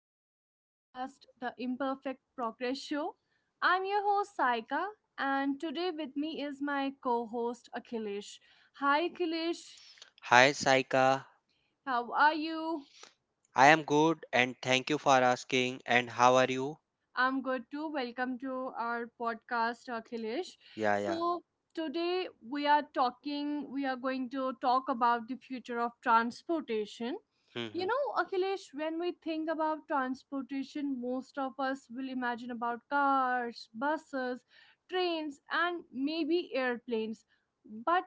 my podcast, The Imperfect Progress Show. I'm your host Saika, and today with me is my co host Akhilesh. Hi Akhilesh, Hi Saika, how are you? I am good and thank you for asking. And how are you? I'm good too. Welcome to our podcast, Akhilesh. Yeah, yeah. So, today we are going to talk about the future of transportation. You hmm know, Akhilesh, when we think about transportation, most of us will imagine about cars, buses, trains, and maybe airplanes. But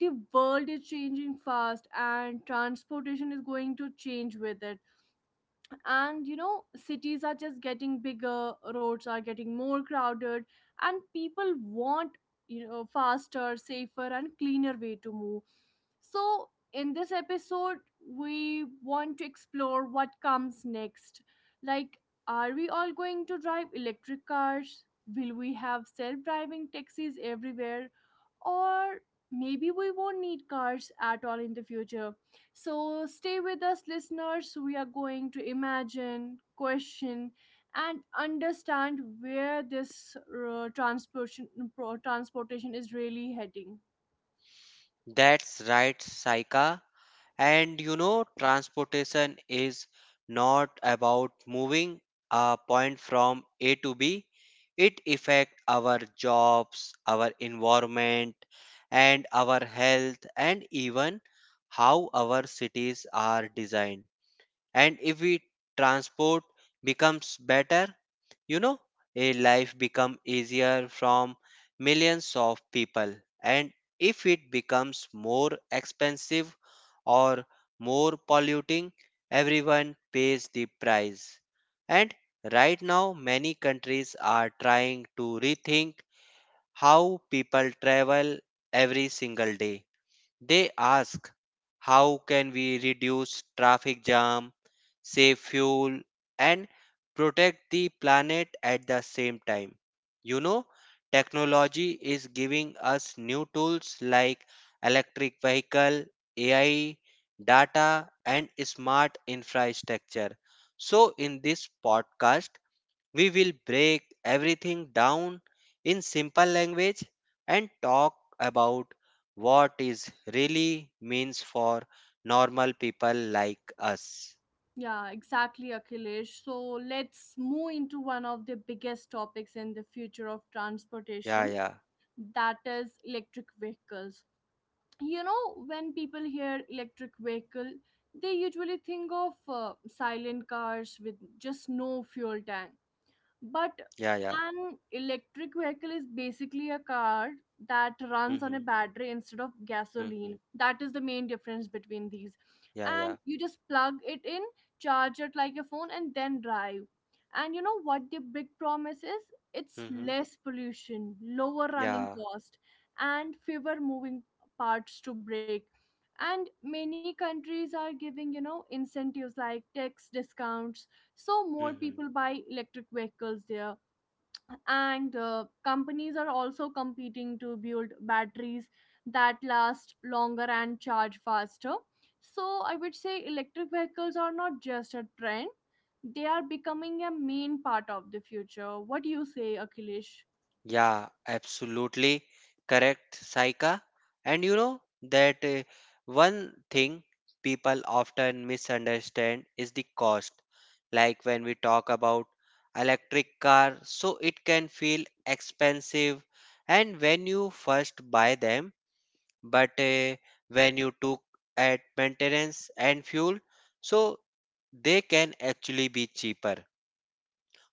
the world is changing fast and transportation is going to change with it, and, you know, cities are just getting bigger, roads are getting more crowded, and people want, you know, faster, safer, and cleaner way to move. So in this episode we want to explore what comes next, like, are we all going to drive electric cars? Will we have self-driving taxis everywhere? Or maybe we won't need cars at all in the future. So stay with us, listeners. We are going to imagine, question, and understand where this transportation is really heading. That's right, Saika. And you know, transportation is not about moving a point from A to B. It affects our jobs, our environment, and our health, and even how our cities are designed. And if we transport becomes better, you know, a life become easier from millions of people, and if it becomes more expensive or more polluting, everyone pays the price. And right now many countries are trying to rethink how people travel every single day. They ask, how can we reduce traffic jam, save fuel, and protect the planet at the same time? You know, technology is giving us new tools like electric vehicle, AI, data and smart infrastructure. So in this podcast we will break everything down in simple language and talk about what is really means for normal people like us. Yeah, exactly, Akhilesh. So let's move into one of the biggest topics in the future of Yeah, transportation, yeah, that is electric vehicles. You know, when people hear electric vehicle they usually think of silent cars with just no fuel tank, yeah, but yeah. an electric vehicle is basically a car that runs Mm-hmm, on a battery instead of mm-hmm, gasoline. That is the main difference between these. yeah, yeah, And you just plug it in, charge it like a phone, and then drive. And you know what the big promise is? It's mm-hmm, less pollution, lower running yeah, cost, and fewer moving parts to break. And many countries are giving, you know, incentives like tax discounts so more mm-hmm. people buy electric vehicles there, and companies are also competing to build batteries that last longer and charge faster. So I would say electric vehicles are not just a trend, they are becoming a main part of the future. What do you say, Akhilesh? Yeah, absolutely correct, Saika. And you know that one thing people often misunderstand is the cost. Like when we talk about electric car, so it can feel expensive and when you first buy them, but when you took at maintenance and fuel, so they can actually be cheaper.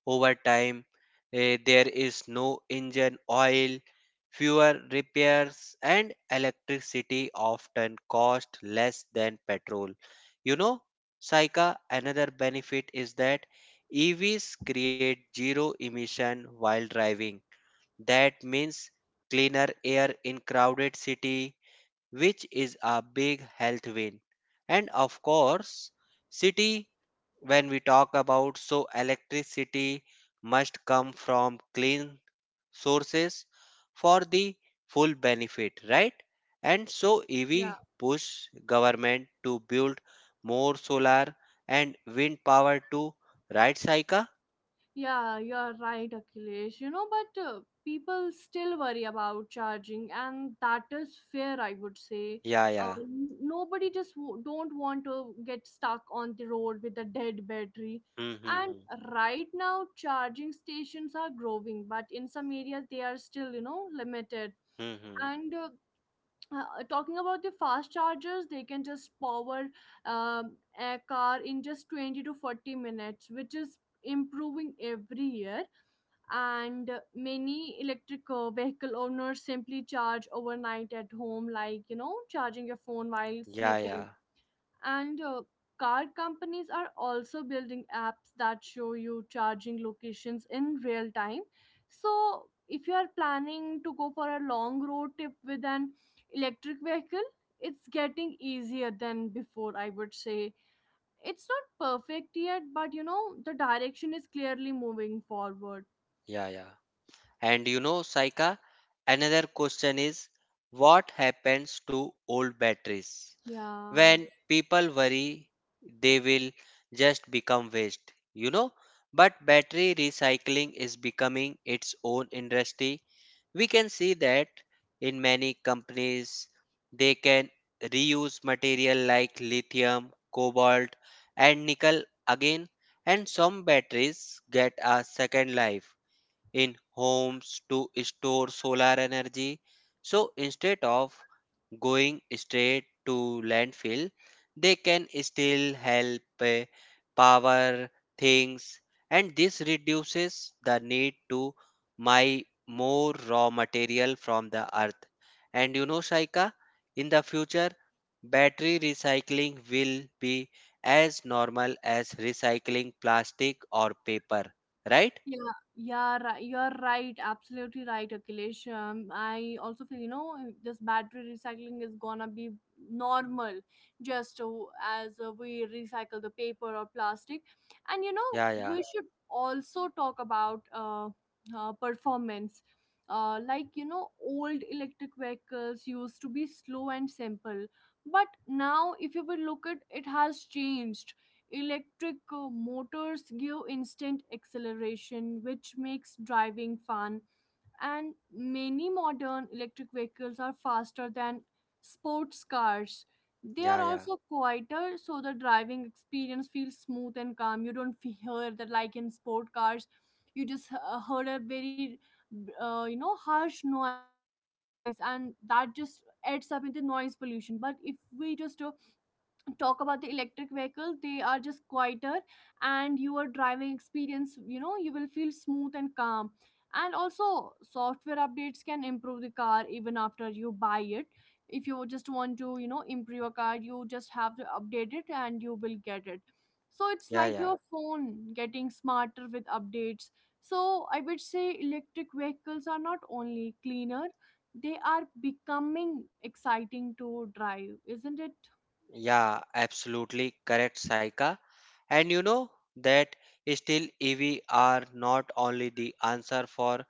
Over time, there is no engine oil, fewer repairs, and electricity often cost less than petrol. You know, Saika, another benefit is that EVs create zero emission while driving. That means cleaner air in crowded city, which is a big health win. And of course, city, when we talk about so electricity must come from clean sources for the full benefit, right? And so EV push government to build more solar and wind power to, right, Saika? Yeah, you're right, Akhilesh. You know, but people still worry about charging, and that is fair, I would say. Yeah, Uh, yeah. n- nobody just don't want to get stuck on the road with a dead battery. Hmm, hmm, And hmm. right now, charging stations are growing, but in some areas they are still, you know, limited. Hmm, hmm. And talking about the fast chargers, they can just power a car in just 20 to 40 minutes, which is improving every year. And many electric vehicle owners simply charge overnight at home, like, you know, charging your phone while Yeah, sleeping. yeah. And car companies are also building apps that show you charging locations in real time. So if you are planning to go for a long road trip with an electric vehicle, it's getting easier than before, I would say. It's not perfect yet, but you know the direction is clearly moving forward. Yeah, yeah. And you know, Saika, another question is, what happens to old batteries? Yeah. When people worry, they will just become waste, you know. But battery recycling is becoming its own industry. We can see that in many companies, they can reuse material like lithium, cobalt, and nickel again, and some batteries get a second life in homes to store solar energy. So instead of going straight to landfill, they can still help power things, and this reduces the need to buy more raw material from the earth. And you know, Shaika, in the future, battery recycling will be as normal as recycling plastic or paper, right? Yeah, yeah, you're right. Absolutely right, Akhilesh. I also feel, you know, this battery recycling is gonna be normal, just as we recycle the paper or plastic. And Yeah, yeah. we should also talk about performance. Like, old electric vehicles used to be slow and simple, but now if you will look at it has changed. Electric motors give instant acceleration, which makes driving fun, and many modern electric vehicles are faster than sports cars. They are Yeah, yeah, also quieter, so the driving experience feels smooth and calm. You don't hear that, like in sport cars, you just heard a very, harsh noise, and that just adds up into noise pollution. But if we just talk about the electric vehicle, they are just quieter, and your driving experience, you know, you will feel smooth and calm. And also software updates can improve the car even after you buy it. If you just want to, you know, improve your car, you just have to update it and you will get it. So it's yeah, like yeah, your phone getting smarter with updates. So I would say electric vehicles are not only cleaner, they are becoming exciting to drive, isn't it? yeah, absolutely correct, Saika. And you know that still EV are not only the answer for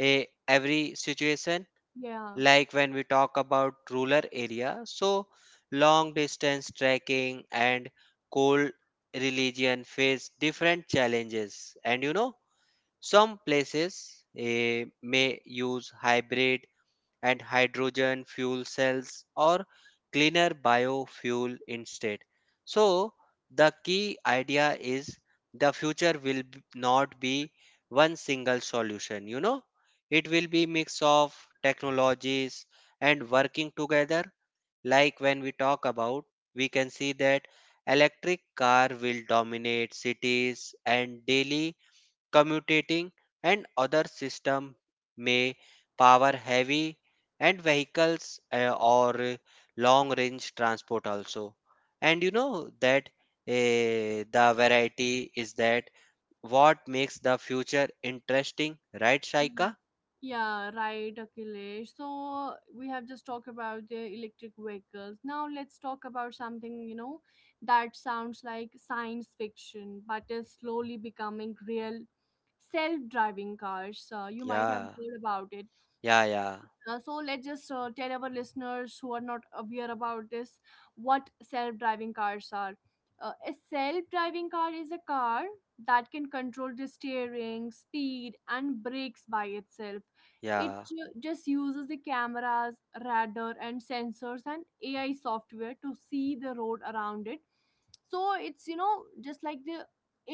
a every situation. Yeah, Like when we talk about rural area, so long distance trekking and cold religion face different challenges. And you know, some places may use hybrid and hydrogen fuel cells or cleaner biofuel instead. So, the key idea is the future will not be one single solution, you know, it will be mix of technologies and working together. Like when we talk about, we can see that electric car will dominate cities and daily commuting, and other system may power heavy and vehicles or long range transport also. And you know that the variety is that what makes the future interesting, right, yeah, shaika? yeah, right, Akhilesh. So we have just talked about the electric vehicles. Now let's talk about something, you know, that sounds like science fiction but is slowly becoming real. Self-driving cars. You might have Yeah, heard about it. yeah, yeah, So let's just tell our listeners who are not aware about this what self-driving cars are. A self-driving car is a car that can control the steering, speed, and brakes by itself. It yeah, just uses the cameras, radar, and sensors, and AI software to see the road around it. So it's, you know, just like the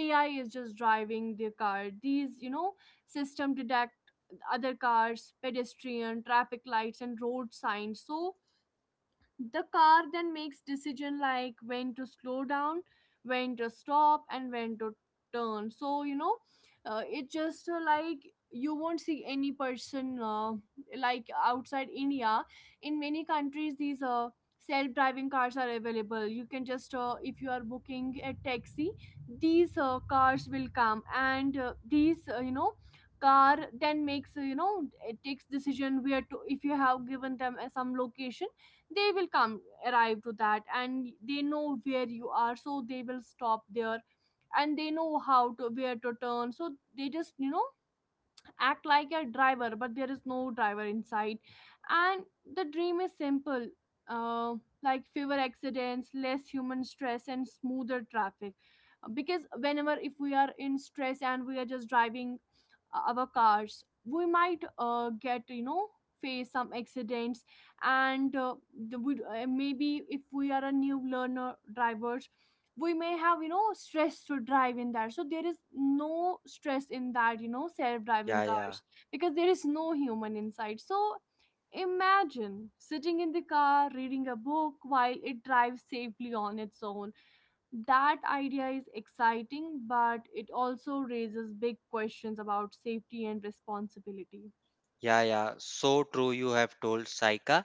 AI is just driving the car. These, you know, system detect other cars, pedestrian, traffic lights, and road signs. So the car then makes decision, like when to slow down, when to stop, and when to turn. So, you know, it just, like you won't see any person, like outside India, in many countries these self-driving cars are available. You can just if you are booking a taxi, these cars will come, and these, car then makes, it takes decision where to if you have given them some location, they will come arrive to that, and they know where you are, so they will stop there. And they know how to where to turn. So they just, you know, act like a driver, but there is no driver inside. And the dream is simple, uh, like fewer accidents, less human stress, and smoother traffic. Because whenever if we are in stress and we are just driving our cars, we might get, face some accidents. And maybe if we are a new learner drivers, we may have stress to drive in that, so there is no stress in that, you know, self yeah, driving yeah. cars, because there is no human inside. So imagine sitting in the car reading a book while it drives safely on its own. That idea is exciting, but it also raises big questions about safety and responsibility. Yeah, yeah, so true. You have told Saika,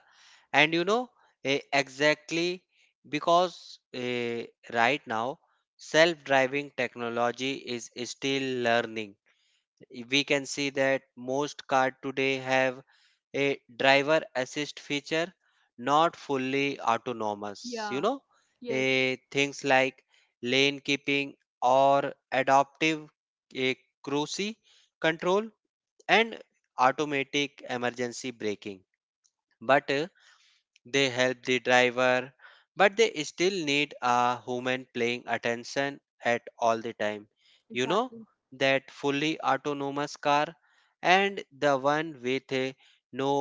and you know, exactly, because right now self-driving technology is still learning. We can see that most cars today have a driver assist feature, not fully autonomous. You Yeah. know, Yes, things like lane keeping or adaptive eh, cruise control and automatic emergency braking, but they help the driver but they still need a human paying attention at all the time, you know, exactly. that fully autonomous car and the one with no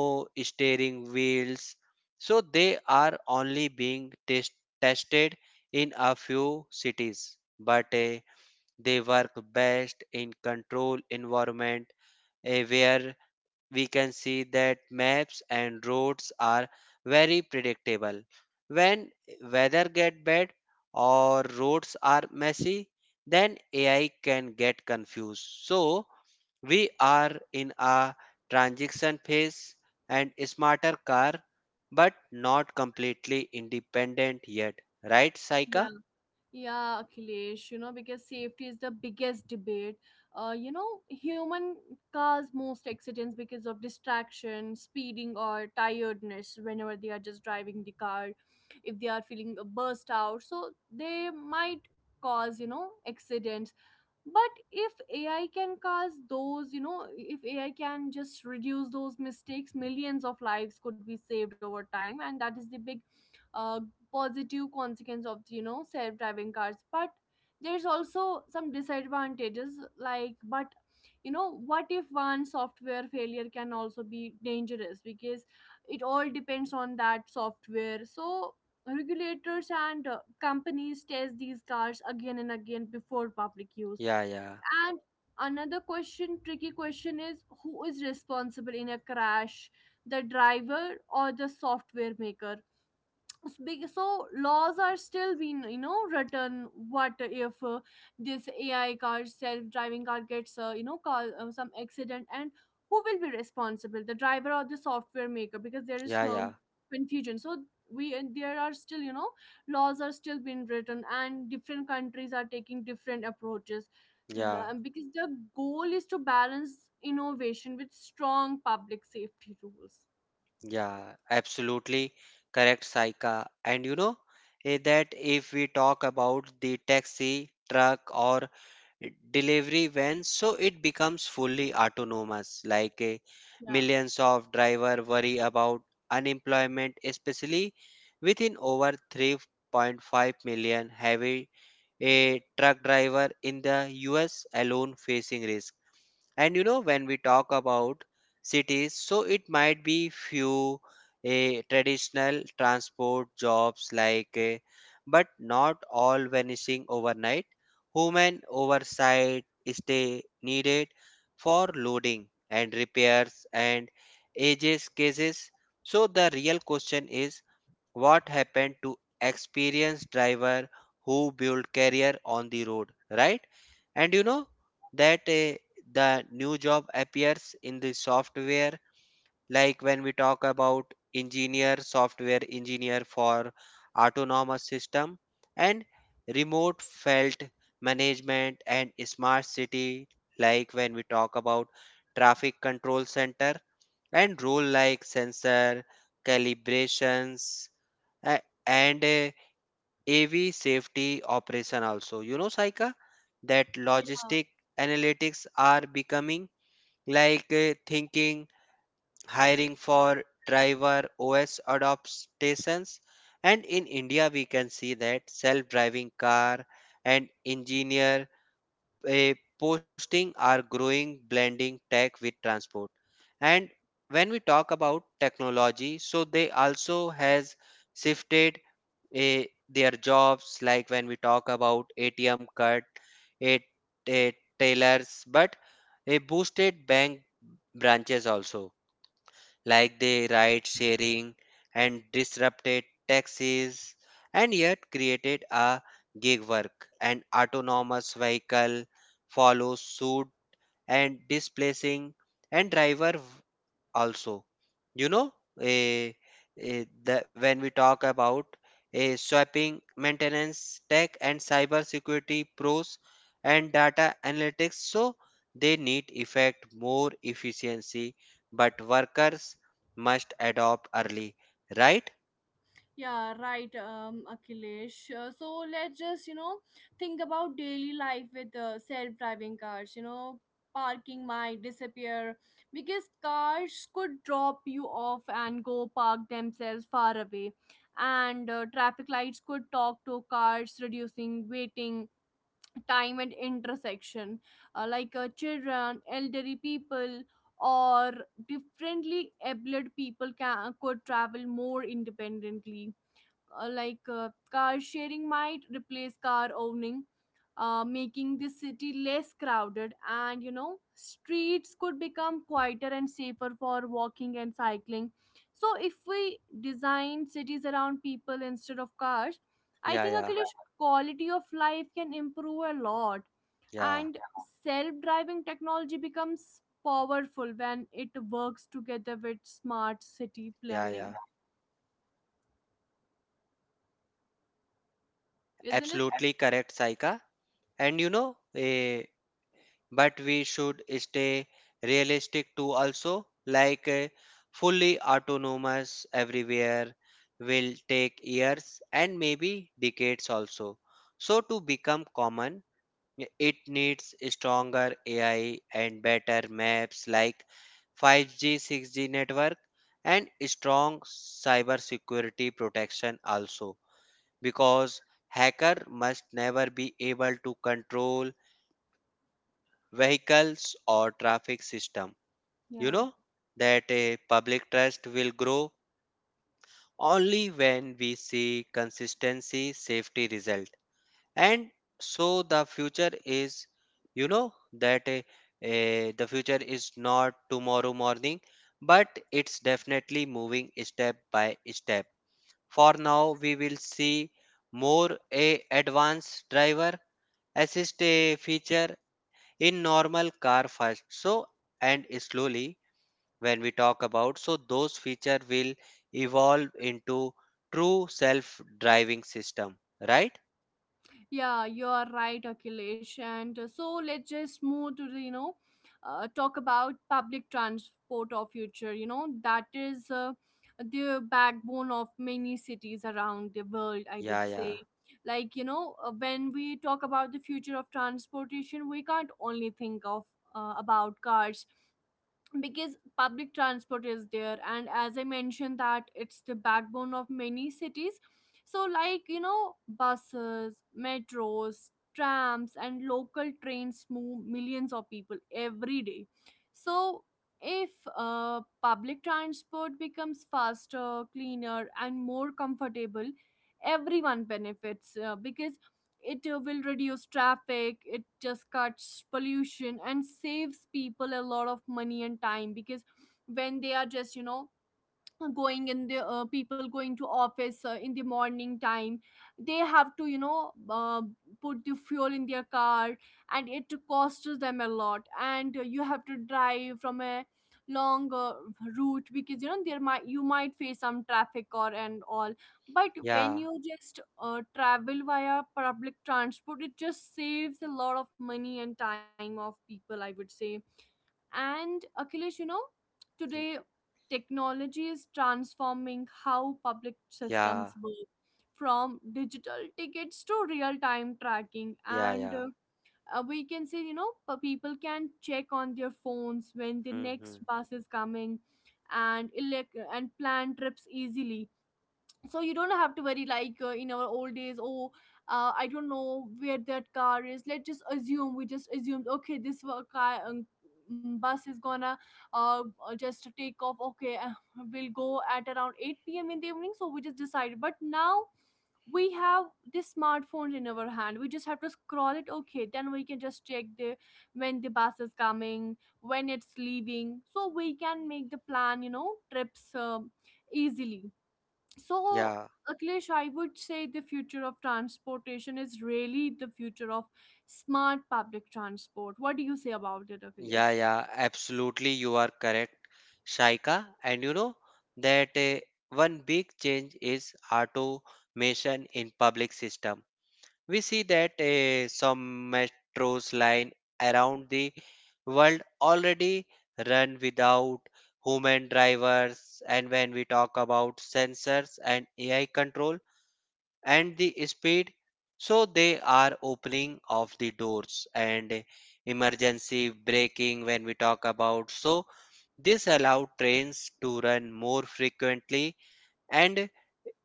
steering wheels, so they are only being tested in a few cities, but they work best in controlled environment where we can see that maps and roads are very predictable. When weather get bad or roads are messy, then AI can get confused. So we are in a transition phase and smarter car, but not completely independent yet. Right, Saika? Yeah. Yeah, Akhilesh, you know, because safety is the biggest debate. Human cause most accidents because of distraction, speeding, or tiredness whenever they are just driving the car, if they are feeling a burst out. So they might cause accidents. But if AI can cause those, you know, if AI can just reduce those mistakes, millions of lives could be saved over time, and that is the big uh, positive consequence of self-driving cars. But there's also some disadvantages, like, but you know what if one software failure can also be dangerous? Because it all depends on that software. So regulators and companies test these cars again and again before public use. Yeah, yeah, And another question, tricky question is, who is responsible in a crash, the driver or the software maker? Speak, so laws are still being written. What if this ai car self-driving car gets, cause some accident, and who will be responsible, the driver or the software maker? Because there is yeah, yeah, confusion. So we and there are still, laws are still being written, and different countries are taking different approaches. yeah. Because the goal is to balance innovation with strong public safety rules. Yeah, absolutely correct, Saika. And you know, that if we talk about the taxi, truck, or delivery vans, so it becomes fully autonomous. Like, Yeah. millions of driver worry about unemployment, especially within over 3.5 million heavy a truck driver in the US alone facing risk. And you know, when we talk about cities, so it might be few traditional transport jobs like, but not all vanishing overnight. Human oversight is stay needed for loading and repairs and ages cases. So the real question is, what happened to experienced driver who build career on the road, right? And you know that the new job appears in the software, like when we talk about engineer, software engineer for autonomous system and remote felt management and smart city, like when we talk about traffic control center and role like sensor calibrations and AV safety operation also. You know, Saika, that logistic analytics are becoming like thinking, hiring for driver OS adaptations. And in India, we can see that self-driving car and engineer posting are growing blending tech with transport. And when we talk about technology, so they also has shifted their jobs, like when we talk about atm card a a tailors but a boosted bank branches also, like they ride sharing and disrupted taxis and yet created a gig work and autonomous vehicle follow suit and displacing and driver also, you know, eh, that when we talk about a swapping maintenance tech and cyber security pros and data analytics, so they need effect more efficiency, but workers must adopt early, right? Yeah, right, Akhilesh. So let's just think about daily life with self-driving cars. You know, parking might disappear because cars could drop you off and go park themselves far away. And traffic lights could talk to cars, reducing waiting time at intersection. Like children, elderly people, or differently abled people can could travel more independently. Like car sharing might replace car owning, making the city less crowded, and you know, streets could become quieter and safer for walking and cycling. So if we design cities around people instead of cars, I Yeah, think, yeah, Akhilesh, quality of life can improve a lot. yeah, And self-driving technology becomes powerful when it works together with smart city yeah, planning, yeah, isn't it? absolutely correct, saika and you know, a, but we should stay realistic too also, like a fully autonomous everywhere will take years and maybe decades also, so to become common it needs stronger ai and better maps like 5G 6G network and strong cyber security protection also, because hacker must never be able to control vehicles or traffic system. You Yeah. know that a public trust will grow only when we see consistency safety result. And so the future is, you know, that a, the future is not tomorrow morning but it's definitely moving step by step. For now we will see more a advanced driver assist a feature in normal car first, so and slowly when we talk about so those feature will evolve into true self driving system, right? Yeah, you are right, Akhilesh. And so let's just move to talk about public transport of future. You know, that is the backbone of many cities around the world, I Yeah, would yeah, say. When we talk about the future of transportation, we can't only think of about cars because public transport is there, and as I mentioned, that it's the backbone of many cities. So, like you know, buses, metros, trams, and local trains move millions of people every day. So if public transport becomes faster, cleaner, and more comfortable, everyone benefits, because it will reduce traffic, it just cuts pollution and saves people a lot of money and time. Because when they are just, you know, going in the people going to office in the morning time, they have to, you know, put the fuel in their car and it costs them a lot. And you have to drive from a long route because, you know, there might you might face some traffic or and all. But when yeah, you just travel via public transport, it just saves a lot of money and time of people, I would say. And Akhilesh, you know, today technology is transforming how public yeah, systems work, from digital tickets to real time tracking. yeah, And yeah. We can say, you know, people can check on their phones when the next hmm bus is coming and plan trips easily. So you don't have to worry like in our old days. Oh, I don't know where that car is. Let's just assume, we just assumed, okay, this wa- car mm, bus is gonna uh, just take off. Okay, we'll go at around 8 p.m in the evening, so we just decided. But now we have this smartphone in our hand, we just have to scroll it, okay, then we can just check the when the bus is coming, when it's leaving, so we can make the plan, you know, trips easily. So, yeah, Akhilesh, I would say the future of transportation is really the future of smart public transport. What do you say about it, yeah, Akhilesh? yeah, absolutely you are correct, shaika. And you know that one big change is automation in public system. We see that some metros line around the world already run without human drivers, and when we talk about sensors and AI control and the speed, so they are opening of the doors and emergency braking. When we talk about, so this allow trains to run more frequently and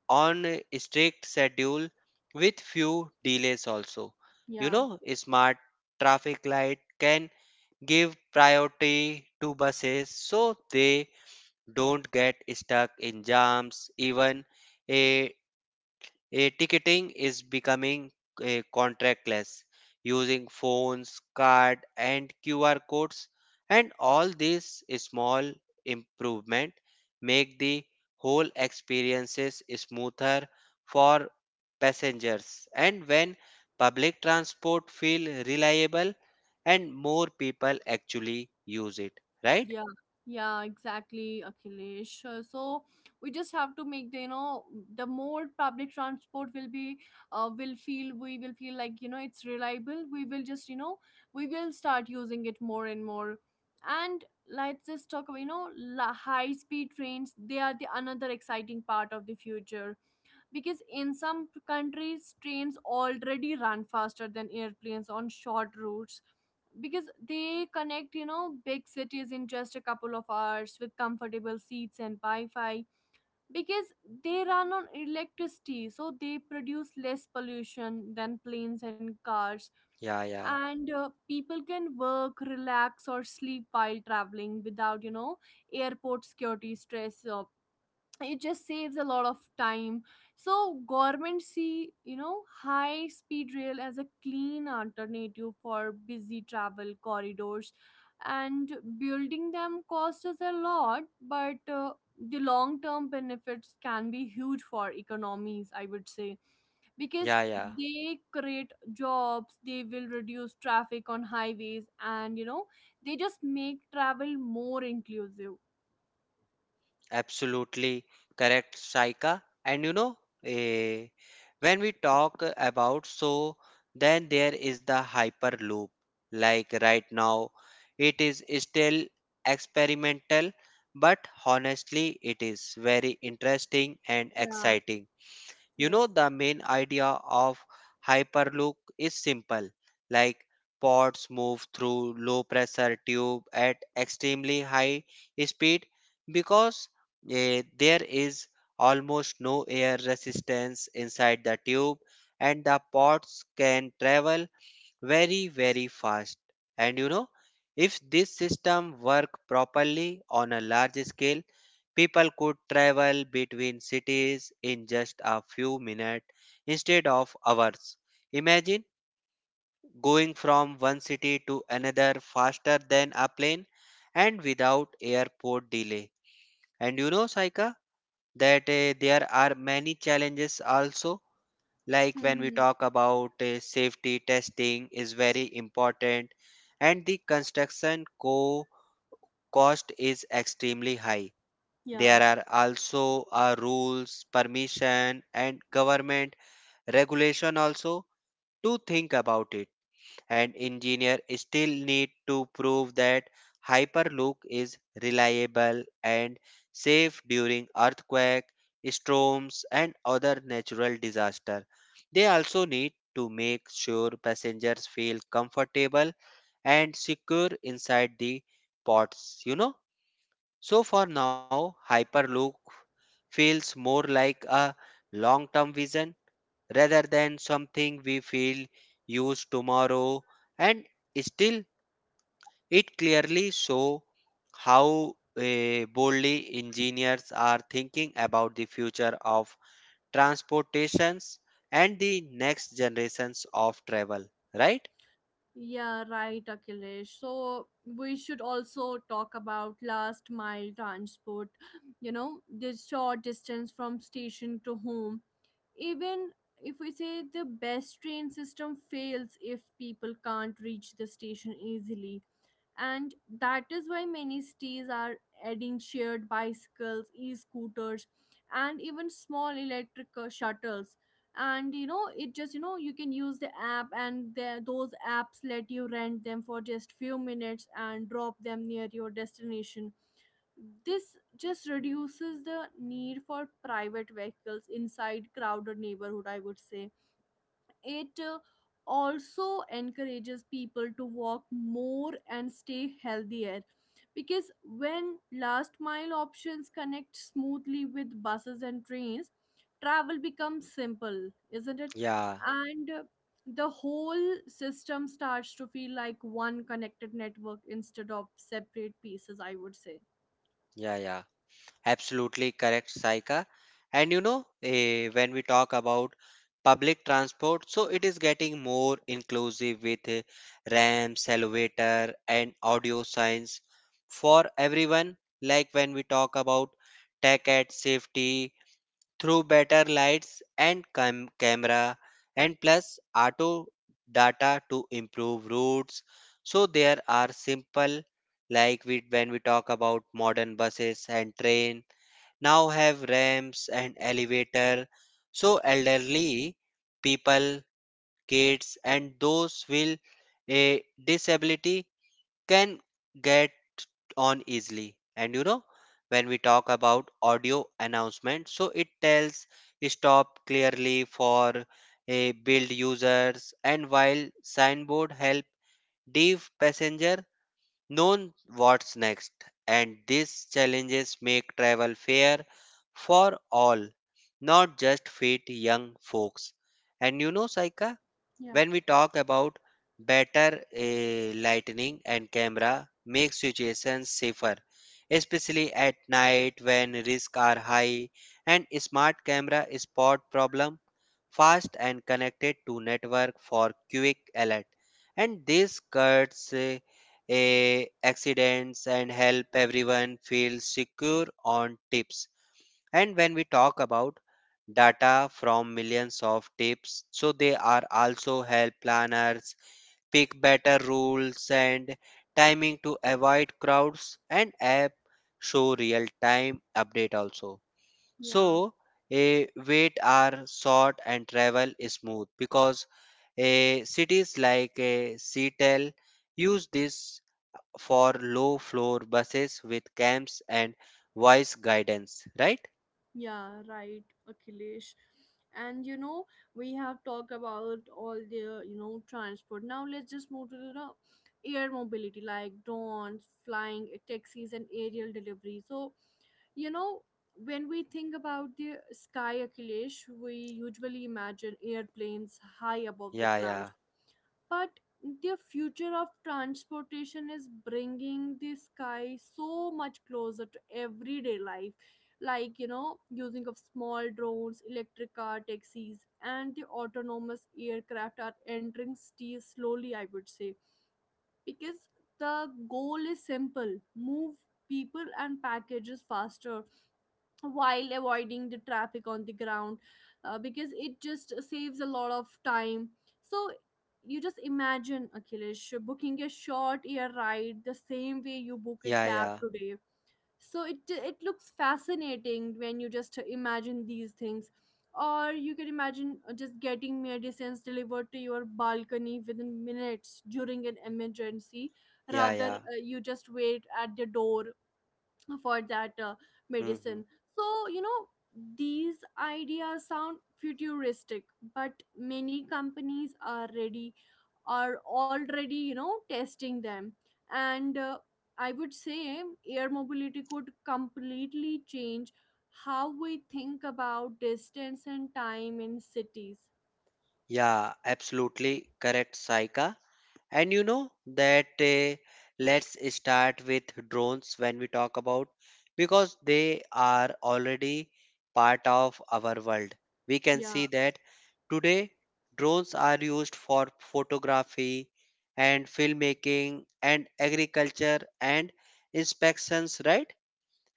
on a strict schedule with few delays also. You Yeah. know, smart traffic light can give priority to buses so they don't get stuck in jams. Even a a ticketing is becoming a contractless using phones, card and QR codes, and all these small improvement make the whole experiences smoother for passengers, and when public transport feel reliable and more people actually use it, right? Yeah, yeah, exactly, Akhilesh. So we just have to make the, you know, the more public transport will be, we will feel like, you know, it's reliable. We will just, you know, we will start using it more and more. And let's just talk about, you know, high-speed trains. They are the another exciting part of the future because in some countries, trains already run faster than airplanes on short routes, because they connect, you know, big cities in just a couple of hours with comfortable seats and wi-fi, because they run on electricity so they produce less pollution than planes and cars. Yeah, yeah, And people can work, relax, or sleep while traveling without, you know, airport security stress. It just saves a lot of time. So government see, you know, high speed rail as a clean alternative for busy travel corridors. And building them costs us a lot, but the long term benefits can be huge for economies, I would say, because yeah, yeah. they create jobs, they will reduce traffic on highways, and, you know, they just make travel more inclusive. Absolutely correct, Saika. And you know, eh, when we talk about, so then there is the Hyperloop. Like right now, it is still experimental, but honestly, it is very interesting and Yeah, exciting. You yes. know, the main idea of Hyperloop is simple, like pods move through low pressure tube at extremely high speed, because there is almost no air resistance inside the tube, and the pods can travel very very fast. And you know, if this system work properly on a large scale, people could travel between cities in just a few minutes instead of hours. Imagine going from one city to another faster than a plane and without airport delay. And you know, saika, that there are many challenges also, like when we Mhm. talk about safety testing is very important and the construction co cost is extremely high. Yeah. There are also rules permission and government regulation also to think about it, and engineer still need to prove that Hyperloop is reliable and safe during earthquake, storms and other natural disaster. They also need to make sure passengers feel comfortable and secure inside the pods, you know. So for now, Hyperloop feels more like a long term vision rather than something we feel use tomorrow, and still it clearly show how boldly engineers are thinking about the future of transportations and the next generations of travel, right? Yeah, right, Akhilesh. So we should also talk about last mile transport, you know, the short distance from station to home. Even if we say, the best train system fails if people can't reach the station easily. And that is why many cities are adding shared bicycles, e-scooters, and even small electric shuttles. And, you know, you can use the app, and those apps let you rent them for just few minutes and drop them near your destination. This just reduces the need for private vehicles inside crowded neighborhood, I would say. It also encourages people to walk more and stay healthier, because when last mile options connect smoothly with buses and trains, travel becomes simple, isn't it? Yeah, And the whole system starts to feel like one connected network instead of separate pieces, I would say. yeah, yeah, absolutely correct, Saika. And you know, when we talk about public transport, so it is getting more inclusive with ramps, elevator, and audio signs for everyone. Like when we talk about tech at safety through better lights and camera, and plus auto data to improve routes. So there are simple like we when we talk about modern buses and train now have ramps and elevator so elderly people kids and those with a disability can get on easily. And you know, when we talk about audio announcement so it tells stop clearly for a build users and while signboard help deaf passenger known what's next, and these challenges make travel fair for all, not just fit young folks. And you know, Saika, Yeah, when we talk about better lighting and camera make situations safer especially at night when risks are high and smart camera spot problem fast and connected to network for quick alert, and this cuts accidents and help everyone feel secure on tips. And when we talk about data from millions of tips, so they are also help planners pick better rules and timing to avoid crowds and app show real time update also. yeah. So a wait are short and travel is smooth because a cities like a Seattle use this for low floor buses with camps and voice guidance, right? Yeah, right, Akhilesh. And you know, we have talked about all the, you know, transport. Now let's just move to the, you know, air mobility like drones, flying eh, taxis, and aerial delivery. So, you know, when we think about the sky, Akhilesh, we usually imagine airplanes high above the Yeah, yeah. clouds, but the future of transportation is bringing the sky so much closer to everyday life. Like, you know, using of small drones, electric car taxis, and the autonomous aircraft are entering cities slowly, I would say, because the goal is simple: move people and packages faster while avoiding the traffic on the ground. Because it just saves a lot of time. So you just imagine, Akhilesh, booking a short air ride the same way you book a Yeah, cab yeah, today. so it it looks fascinating when you just imagine these things. Or you can imagine just getting medicines delivered to your balcony within minutes during an emergency, yeah, rather yeah. You just wait at the door for that hmm medicine. So, you know, these ideas sound futuristic, but many companies are ready, are already, you know, testing them. And I would say air mobility could completely change how we think about distance and time in cities. Yeah, absolutely correct, Saika. And you know that let's start with drones when we talk about because they are already part of our world. We can Yeah, see that today drones are used for photography and filmmaking and agriculture and inspections, right?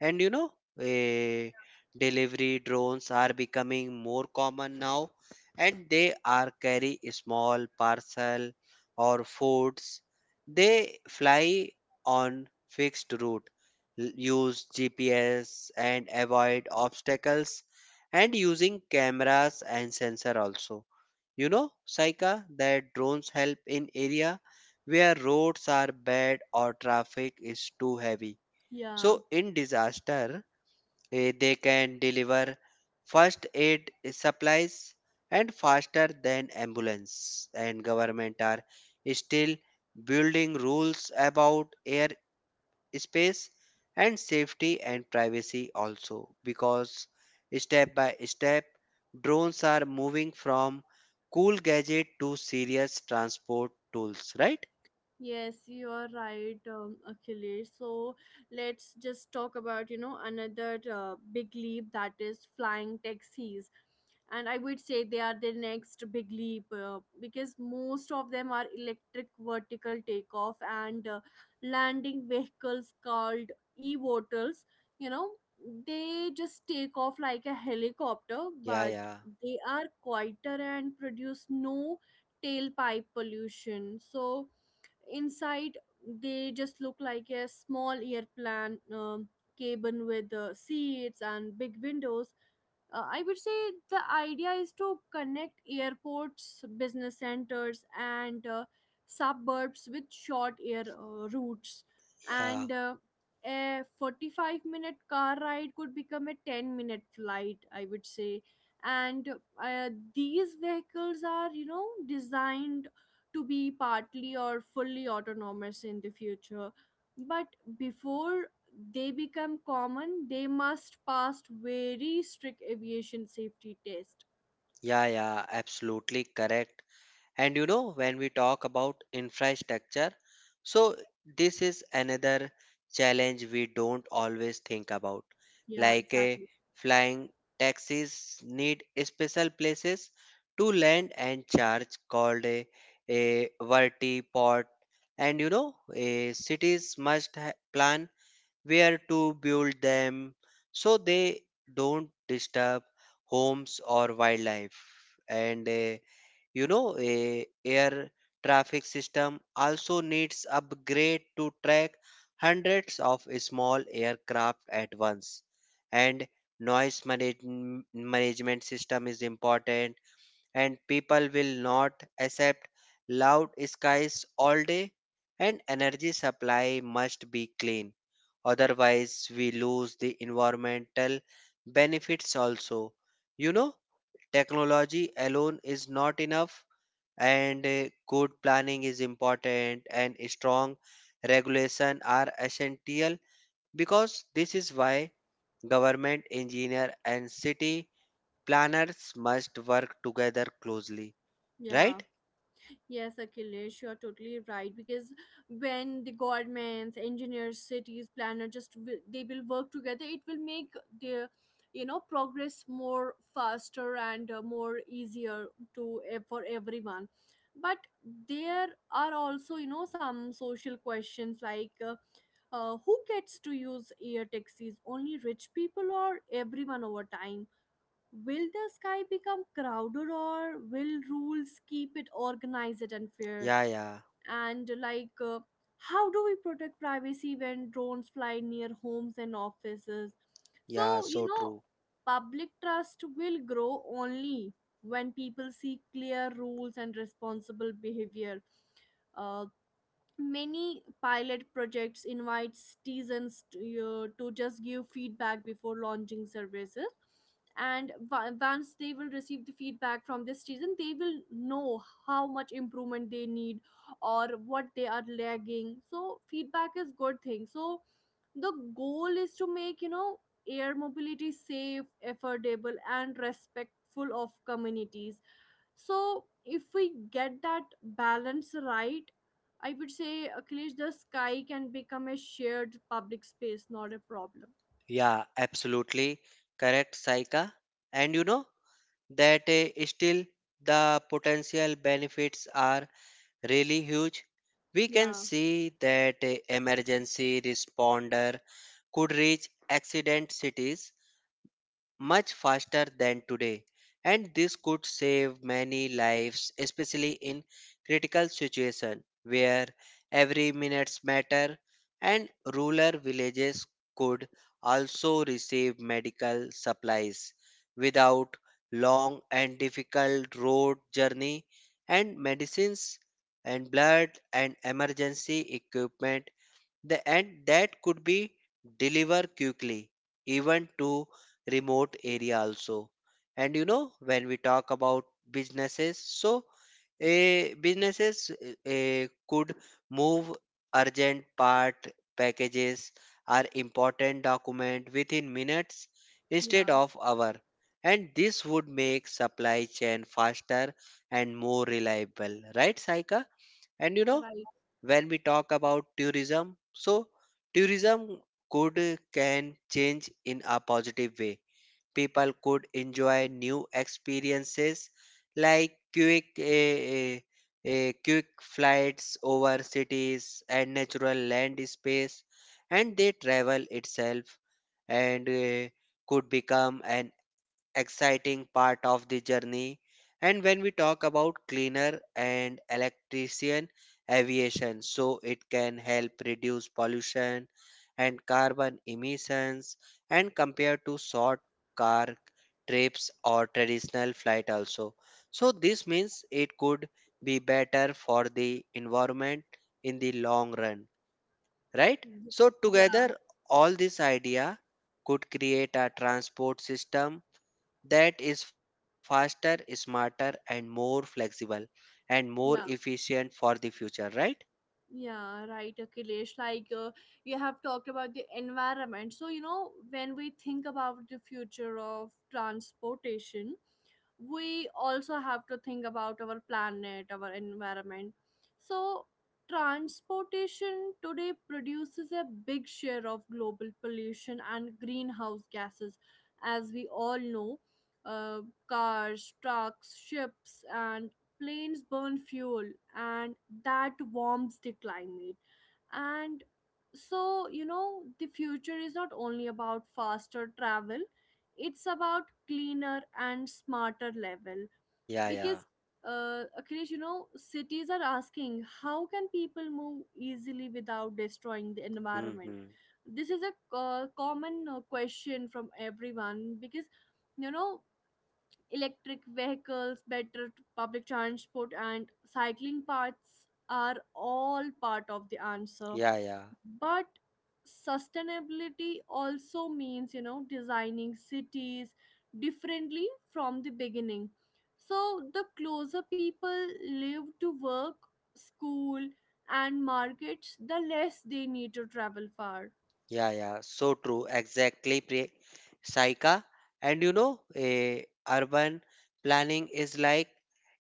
And you know, eh, delivery drones are becoming more common now, and they are carry small parcel or foods. They fly on fixed route, use GPS and avoid obstacles, and using cameras and sensor also. You know, Saika, that drones help in area where roads are bad or traffic is too heavy. yeah. So in disaster, they can deliver first aid supplies and faster than ambulance. And government are still building rules about air space and safety and privacy also because step by step drones are moving from cool gadget to serious transport tools, right? Yes, you are right, Achilles. So let's just talk about, you know, another big leap, that is flying taxis, and I would say they are the next big leap, because most of them are electric vertical takeoff and landing vehicles called e-votels. You know, they just take off like a helicopter, Yeah, but yeah, they are quieter and produce no tailpipe pollution. So inside, they just look like a small airplane cabin with seats and big windows. I would say the idea is to connect airports, business centers, and suburbs with short air routes. yeah, And a 45-minute car ride could become a 10-minute flight, I would say. And these vehicles are, you know, designed to be partly or fully autonomous in the future. But before they become common, they must pass very strict aviation safety test. yeah, yeah, absolutely correct. And you know, when we talk about infrastructure, so this is another challenge we don't always think about. Yeah, Like a exactly. flying taxis need special places to land and charge called a vertiport. And you know, a cities plan where to build them so they don't disturb homes or wildlife. And you know, a air traffic system also needs upgrade to track hundreds of small aircraft at once. And noise manage- management system is important and people will not accept loud skies all day and energy supply must be clean. Otherwise, we lose the environmental benefits also. You know, technology alone is not enough and good planning is important and strong regulation are essential because this is why government engineer and city planners must work together closely, Yeah. right? Yes, Akhilesh, you are totally right. Because when the governments, engineers, cities, planner just will, they will work together, it will make their, you know, progress more faster and more easier to eh, for everyone. But there are also, you know, some social questions like. Who gets to use air taxis? Only rich people or everyone over time? Will the sky become crowded or will rules keep it organized and fair? Yeah, yeah, And like, how do we protect privacy when drones fly near homes and offices? So, yeah, you so know, true, public trust will grow only when people see clear rules and responsible behavior. Uh, Many pilot projects invite citizens to just give feedback before launching services. And once they will receive the feedback from this season, they will know how much improvement they need or what they are lagging, so feedback is good thing. So the goal is to make, you know, air mobility safe, affordable, and respectful of communities. So if we get that balance right, I would say at the sky can become a shared public space, not a problem. yeah, absolutely correct, Saika. And you know that still the potential benefits are really huge. We can Yeah, see that a emergency responder could reach accident cities much faster than today and this could save many lives especially in critical situation where every minutes matter and rural villages could also receive medical supplies without long and difficult road journey and medicines and blood and emergency equipment the and that could be deliver quickly, even to remote area also. And you know, when we talk about businesses, so a businesses could move urgent part packages or important document within minutes instead yeah, of hour and this would make supply chain faster and more reliable, right Saika? And you know, right. when we talk about tourism so tourism could can change in a positive way, people could enjoy new experiences like quick eh, eh, eh, quick flights over cities and natural land space and they travel itself and could become an exciting part of the journey. And when we talk about cleaner and electrician aviation, so it can help reduce pollution and carbon emissions and compared to short car trips or traditional flight also. So this means it could be better for the environment in the long run, right? So Yeah, together all this idea could create a transport system that is faster, smarter, and more flexible and more yeah. efficient for the future, right? Yeah, right, Akhilesh. Like you have talked about the environment. So, you know, when we think about the future of transportation, we also have to think about our planet, our environment. So, transportation today produces a big share of global pollution and greenhouse gases. As we all know, uh, cars, trucks, ships, and planes burn fuel and that warms the climate. And so, you know, the future is not only about faster travel, it's about cleaner and smarter level, Yeah, yeah. because Akhilesh, you know, cities are asking, how can people move easily without destroying the environment? Mm-hmm. This is a common question from everyone, because, you know, electric vehicles, better public transport, and cycling paths are all part of the answer. Yeah, yeah. But sustainability also means, you know, designing cities differently from the beginning. So the closer people live to work, school, and markets, the less they need to travel far. Yeah, yeah. So true. Exactly, Saika. And you know, urban planning is like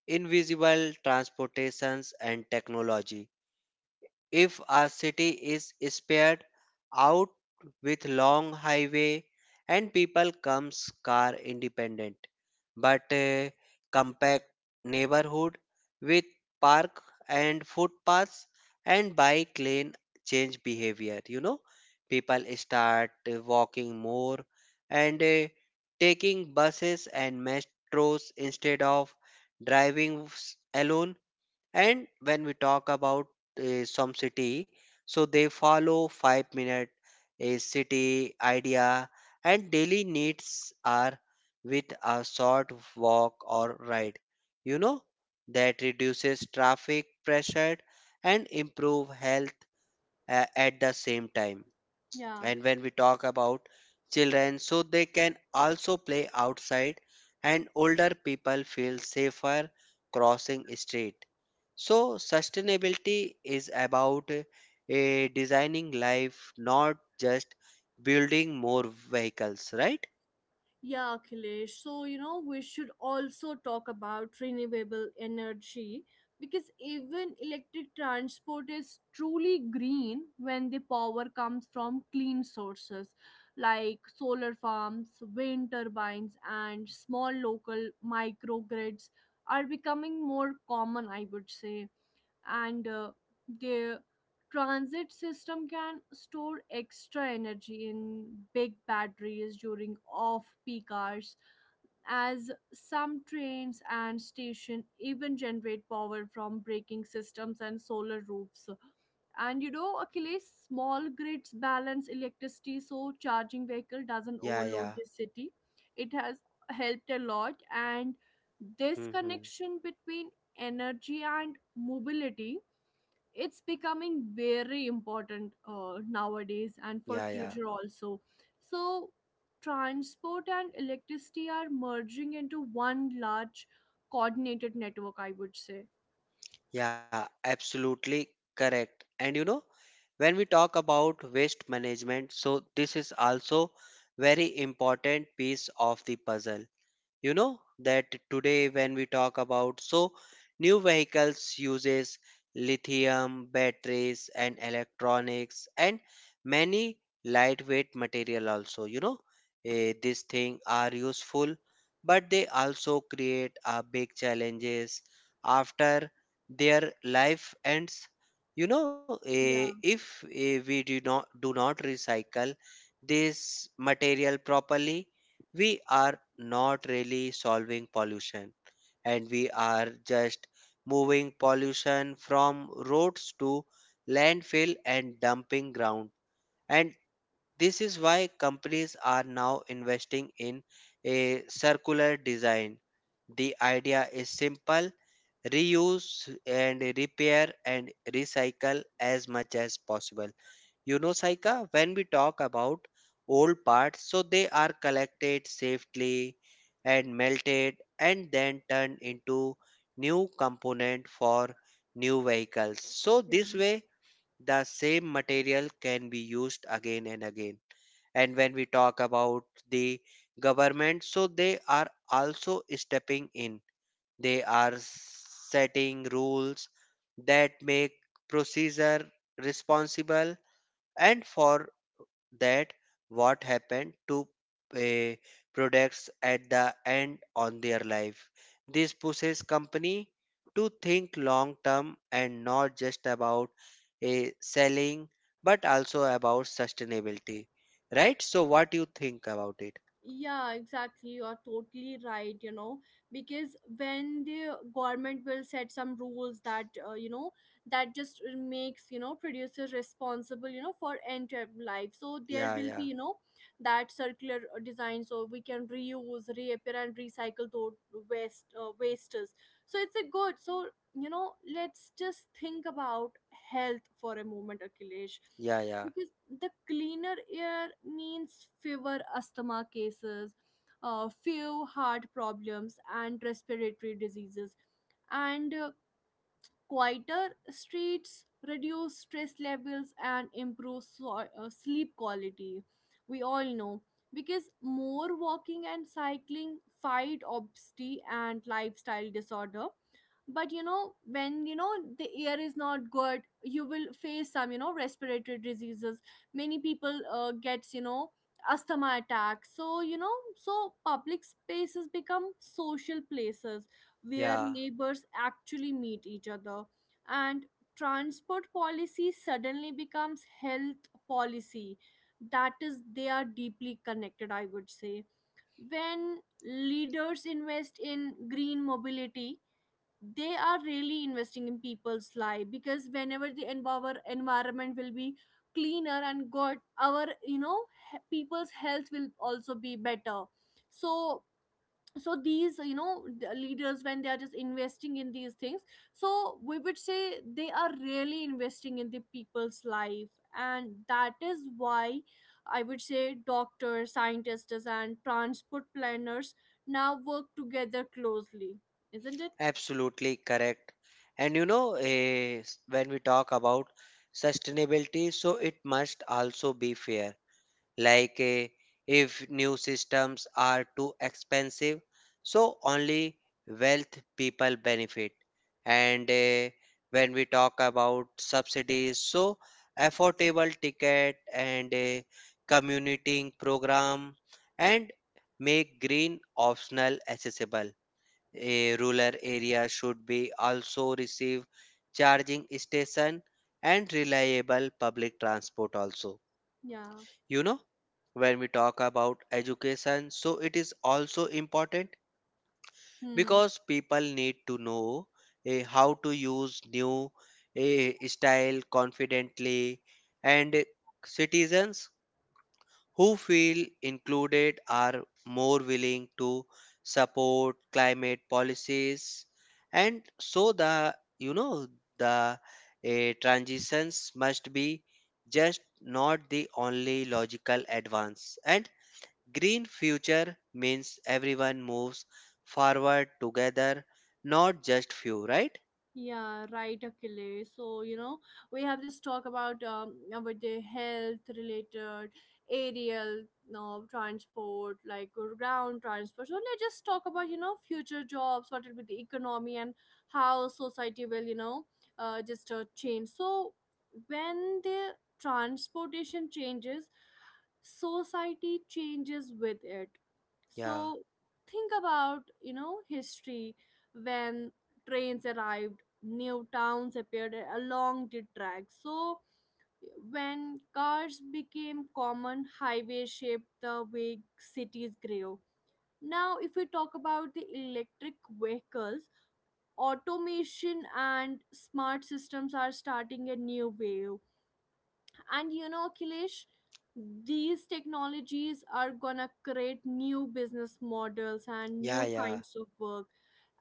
invisible transportations and technology. If a city is spared out with long highway and people comes car independent, but a compact neighborhood with park and footpaths and bike lane change behavior. You know, people start walking more and taking buses and metros instead of alone. And when we talk about some city, so they follow 5 minute a city idea, and daily needs are with a short walk or ride. You know that reduces traffic pressure and improve health at the same time. And Yeah. when we talk about children so they can also play outside and older people feel safer crossing street, so sustainability is about a designing life not just building more vehicles, right? Yeah, Akhilesh. So, you know, we should also talk about renewable energy because even electric transport is truly green when the power comes from clean sources like solar farms, wind turbines, and small local microgrids are becoming more common, I would say, and their transit system can store extra energy in big batteries during off peak hours, as some trains and station even generate power from braking systems and solar roofs. And achilles, small grids balance electricity so charging vehicle doesn't Yeah, overload yeah. the city. It has helped a lot, and this Hmm. connection between energy and mobility, it's becoming very important nowadays and for Yeah, future yeah. also. So transport and electricity are merging into one large coordinated network, I would say. Yeah, absolutely correct. And you know, when we talk about waste management, so this is also very important piece of the puzzle. You know that today when we talk about so new vehicles uses lithium batteries and electronics and many lightweight material also. You know these things are useful but they also create a big challenges after their life ends. You know, if we do not recycle this material properly, we are not really solving pollution and we are just moving pollution from roads to landfill and dumping ground. And this is why companies are now investing in a circular design. The idea is simple: reuse and repair and recycle as much as possible. You know, Saika, when we talk about old parts, so they are collected safely and melted and then turned into new component for new vehicles. So this way, the same material can be used again and again. And when we talk about the government, so they are also stepping in. They are setting rules that make procedure responsible and for that what happened to uh, products at the end on their life. This pushes company to think long term and not just about selling but also about sustainability. Right? So what do you think about it? Yeah, exactly, you're totally right. Because when the government will set some rules that that just makes, producers responsible, for entire life, so there Yeah, will be, yeah, that circular design, so we can reuse reappear and recycle those waste wastes. So it's a good. So let's just think about health for a moment, akhilesh, yeah, yeah, because the cleaner air means fewer asthma cases, few heart problems and respiratory diseases, and quieter streets reduce stress levels and improve sleep quality, we all know, because more walking and cycling fight obesity and lifestyle disorder. But you know, the air is not good, you will face some, respiratory diseases. Many people gets, asthma attacks. So so public spaces become social places where yeah, neighbors actually meet each other. And transport policy suddenly becomes health policy, that is they are deeply connected, I would say. When leaders invest in green mobility, they are really investing in people's life, because whenever the environment will be cleaner and good, our people's health will also be better. So, so these, the leaders, when they are just investing in these things, so we would say they are really investing in the people's life. And that is why I would say doctors, scientists and transport planners now work together closely, isn't it? absolutely correct. And you know, when we talk about sustainability, so it must also be fair like if new systems are too expensive so only wealth people benefit. And when we talk about subsidies so affordable ticket and a commuting program and make green optional accessible, a rural area should be also receive charging station and reliable public transport also. Yeah. You know when we talk about education so it is also important Hmm. because people need to know how to use new style confidently and citizens who feel included are more willing to support climate policies. And so the you know the eh, transitions must be just not the only logical advance and green future means everyone moves forward together, not just few, right? Yeah, right, Achilles. So, you know, we have just talked about the health related aerial, no, transport, like or ground transport. So let's just talk about, you know, future jobs, what will be the economy and how society will, you know, just change. So when the transportation changes, society changes with it. Yeah, So think about, you know, history. When trains arrived, new towns appeared along the track. So, when cars became common, highways shaped the way cities grew. Now, if we talk about the electric vehicles, automation and smart systems are starting a new wave. And you know, Akhilesh, these technologies are gonna create new business models and yeah, new yeah, kinds of work,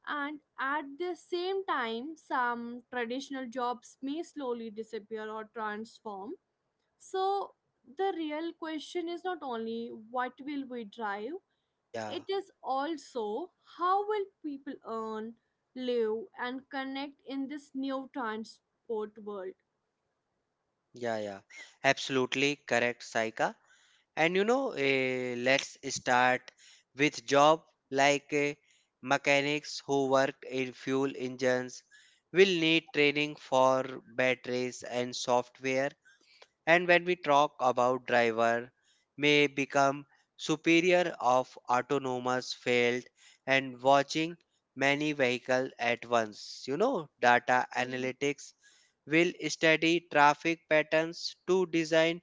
and at the same time some traditional jobs may slowly disappear or transform. So the real question is not only what will we drive, yeah, it is also how will people earn, live and connect in this new transport world. yeah, yeah, absolutely correct, Saika. And you know, let's start with job like mechanics who work in fuel engines will need training for batteries and software. And when we talk about driver may become superior of autonomous field and watching many vehicle at once. You know data analytics will study traffic patterns to design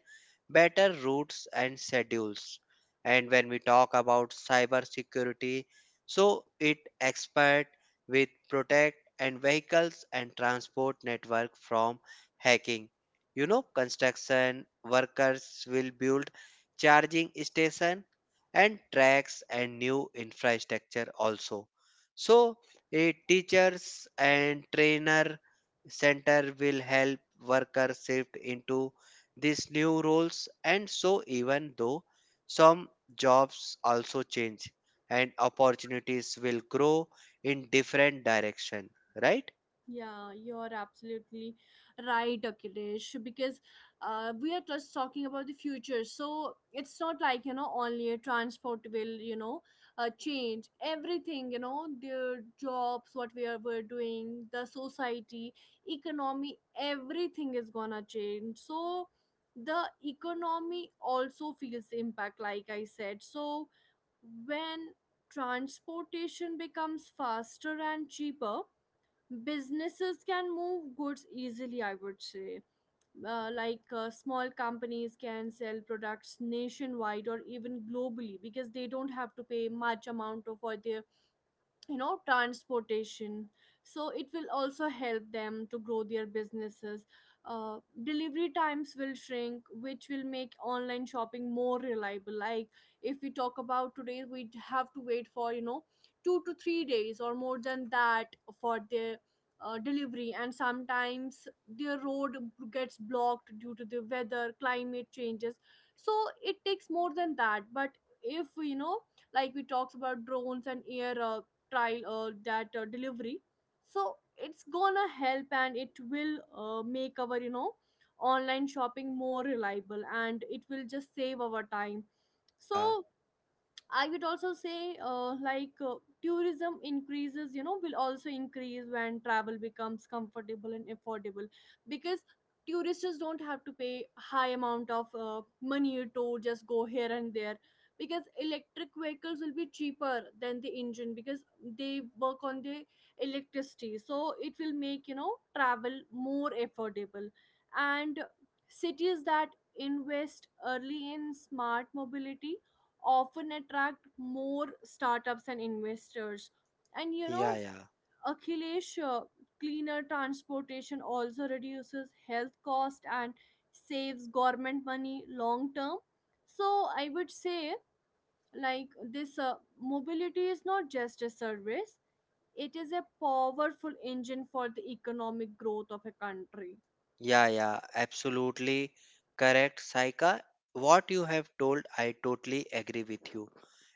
better routes and schedules. And when we talk about cybersecurity, so it expert with protect and vehicles and transport network from hacking. You know, construction workers will build charging station and tracks and new infrastructure also. So, a teachers and trainer center will help workers shift into these new roles. And so even though some jobs also change and opportunities will grow in different direction, right? Yeah, you're absolutely right, Akhilesh. Because we are just talking about the future. So it's not like, you know, only a transport will, you know, change everything, you know, the jobs, what we're doing, the society, economy, everything is gonna change. So the economy also feels impact, like I said. So when transportation becomes faster and cheaper, businesses can move goods easily, I would say. Like small companies can sell products nationwide or even globally, because they don't have to pay much amount of for their, you know, transportation. So it will also help them to grow their businesses. Delivery times will shrink, which will make online shopping more reliable. Like, if we talk about today, we have to wait for, you know, 2 to 3 days or more than that for their delivery, and sometimes their road gets blocked due to the weather climate changes. So it takes more than that. But if you know, like we talked about drones and air trial that delivery, so it's gonna help and it will make our, you know, online shopping more reliable, and it will just save our time. Yeah, So I would also say, tourism increases, you know, will also increase when travel becomes comfortable and affordable, because tourists don't have to pay high amount of money to just go here and there, because electric vehicles will be cheaper than the engine, because they work on the electricity, so it will make, you know, travel more affordable. And cities that invest early in smart mobility often attract more startups and investors. And you yeah, know, yeah. Akhilesh, cleaner transportation also reduces health cost and saves government money long term. So I would say, like, this mobility is not just a service, it is a powerful engine for the economic growth of a country. Yeah, yeah, absolutely correct, Saika. What you have told, I totally agree with you.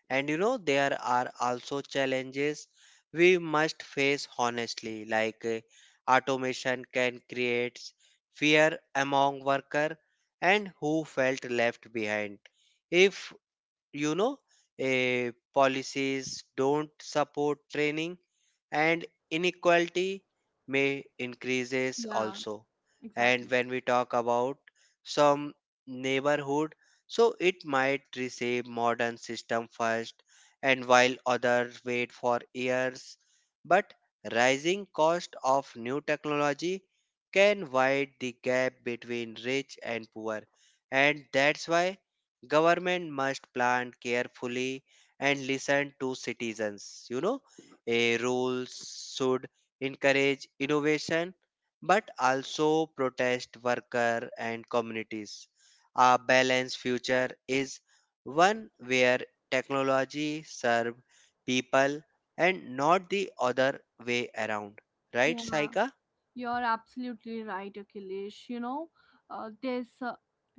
And you know, there are also challenges we must face honestly, like automation can create fear among worker and who felt left behind. If you know policies don't support training and inequality may increases Yeah, also. And exactly. when we talk about some neighborhood so it might receive modern system first and while others wait for years but rising cost of new technology can widen the gap between rich and poor. And that's why government must plan carefully and listen to citizens. You know, a rules should encourage innovation but also protect worker and communities. A balanced future is one where technology serve people and not the other way around. Right, Yeah, Saika? you're absolutely right, Akhilesh. You know, this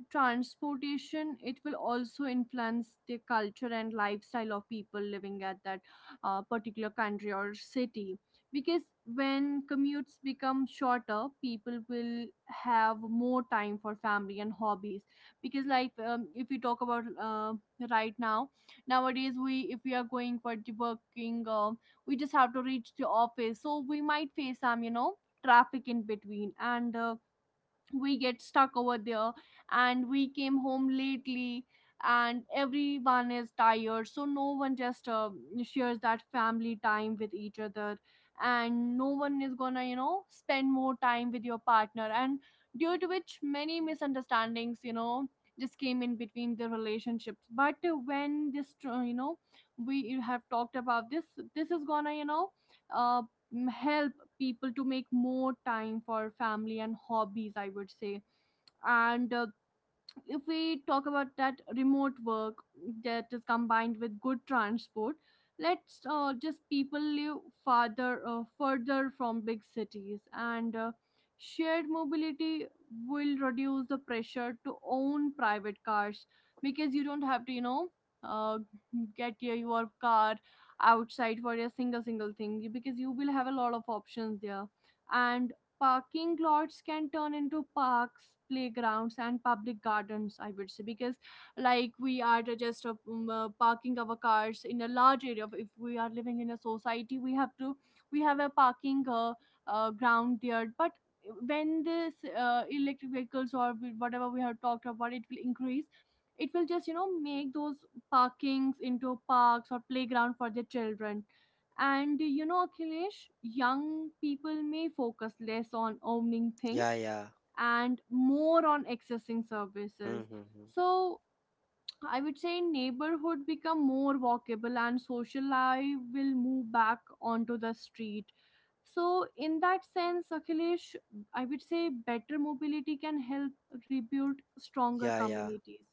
transportation, it will also influence the culture and lifestyle of people living at that particular country or city. Because when commutes become shorter, people will have more time for family and hobbies. Because, like, if we talk about right now, nowadays, we, if we are going for the working, we just have to reach the office, so we might face some, you know, traffic in between, and we get stuck over there, and we came home lately, and everyone is tired, so no one just shares that family time with each other, and no one is gonna, you know, spend more time with your partner. And due to which many misunderstandings, you know, just came in between the relationships. But when this, you know, we have talked about this, this is gonna, you know, uh, help people to make more time for family and hobbies, I would say. And if we talk about that remote work that is combined with good transport, let's just people live farther further from big cities. And shared mobility will reduce the pressure to own private cars, because you don't have to, you know, uh, get your car outside for a single single thing, because you will have a lot of options there. And parking lots can turn into parks, playgrounds and public gardens, I would say. Because like we are just parking our cars in a large area. If we are living in a society, we have a parking ground there. But when this electric vehicles, or whatever we have talked about, it will increase, it will just, you know, make those parkings into parks or playground for the children. And you know, Akhilesh, young people may focus less on owning things Yeah, yeah. and more on accessing Hmm, services. hmm, hmm. So I would say neighborhood become more walkable and social life will move back onto the street. So in that sense, Akhilesh, I would say better mobility can help rebuild stronger Yeah, yeah. communities.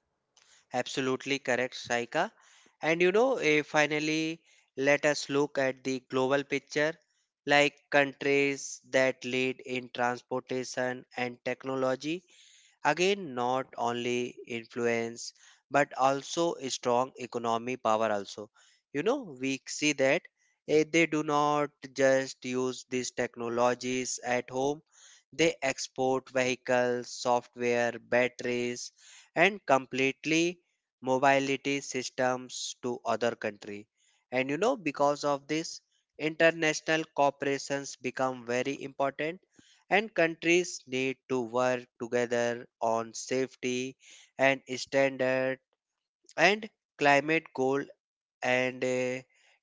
Absolutely correct, Saika. And you know, finally, let us look at the global picture, like countries that lead in transportation and technology. Again, not only influence but also a strong economy power also. You know, we see that they do not just use these technologies at home. They export vehicles, software, batteries, and completely mobility systems to other country. And you know, because of this, international corporations become very important and countries need to work together on safety and standard and climate goal and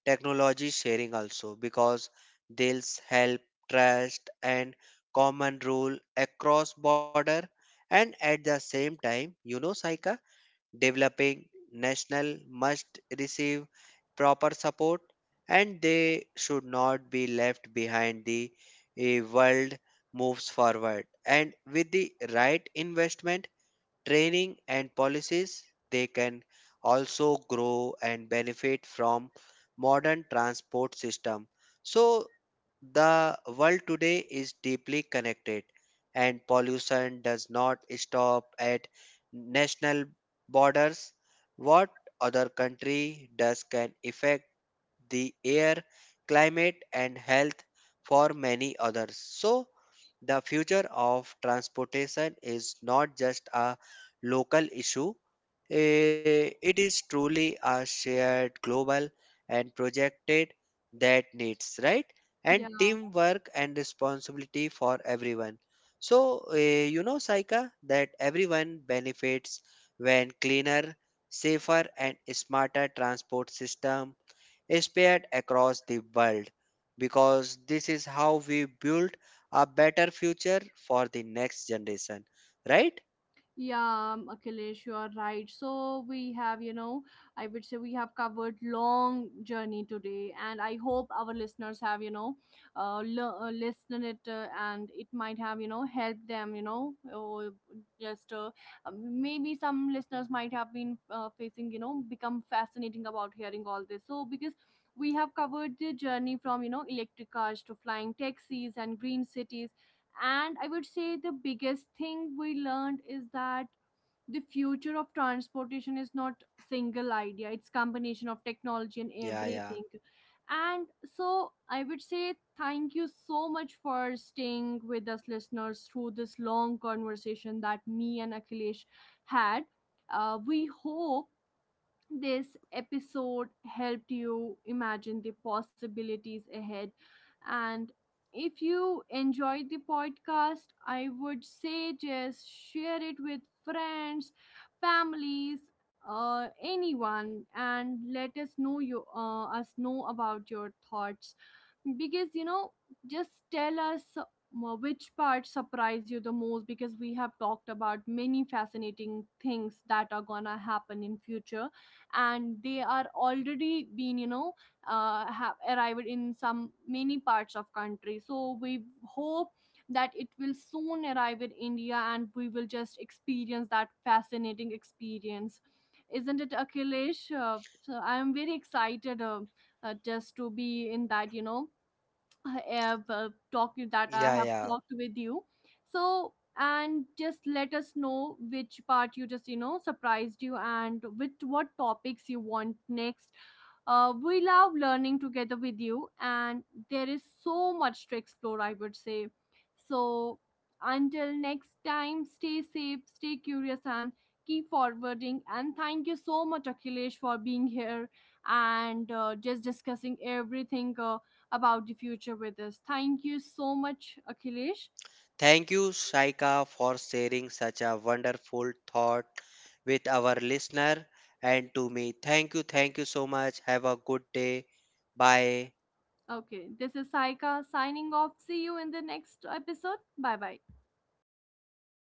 technology sharing also because they'll help trust and common rule across border. And at the same time you know Saika, developing national must receive proper support and they should not be left behind. The world moves forward and with the right investment training and policies, they can also grow and benefit from modern transport system. So the world today is deeply connected and pollution does not stop at national borders. What other country does can affect the air, climate, and health for many others. So, the future of transportation is not just a local issue, it is truly a shared global and projected that needs, right? And Yeah. teamwork and responsibility for everyone. So, you know, Saika, that everyone benefits when cleaner, safer, and smarter transport system spread across the world because this is how we build a better future for the next generation, right? Yeah, Akhilesh, you are right. So we have, you know, I would say we have covered long journey today, and I hope our listeners have, you know, listened it, and it might have, you know, helped them, you know, or just maybe some listeners might have been facing, you know, become fascinating about hearing all this. So because we have covered the journey from, you know, electric cars to flying taxis and green cities, and I would say the biggest thing we learned is that the future of transportation is not single idea, it's combination of technology and Yeah, yeah, everything. And so I would say thank you so much for staying with us, listeners, through this long conversation that me and Akhilesh had. We hope this episode helped you imagine the possibilities ahead. And if you enjoyed the podcast, I would say just share it with friends, families, anyone, and let us know you us know about your thoughts. Because you know, just tell us which part surprised you the most, because we have talked about many fascinating things that are gonna happen in future, and they are already been, you know, have arrived in some many parts of country. So we hope that it will soon arrive in India, and we will just experience that fascinating experience, isn't it, Akhilesh? So I am very excited, just to be in that, you know, I have yeah, yeah. talked with you. So and just let us know which part you, just you know, surprised you and with what topics you want next. We love learning together with you, and there is so much to explore, I would say. So until next time, stay safe, stay curious, and keep forwarding. And thank you so much, Akhilesh, for being here and just discussing everything. About the future with us. Thank you so much, Akhilesh. Thank you Shaika for sharing such a wonderful thought with our listener, and to me thank you, thank you so much. Have a good day. Bye. Okay, this is Saika signing off. See you in the next episode. Bye bye.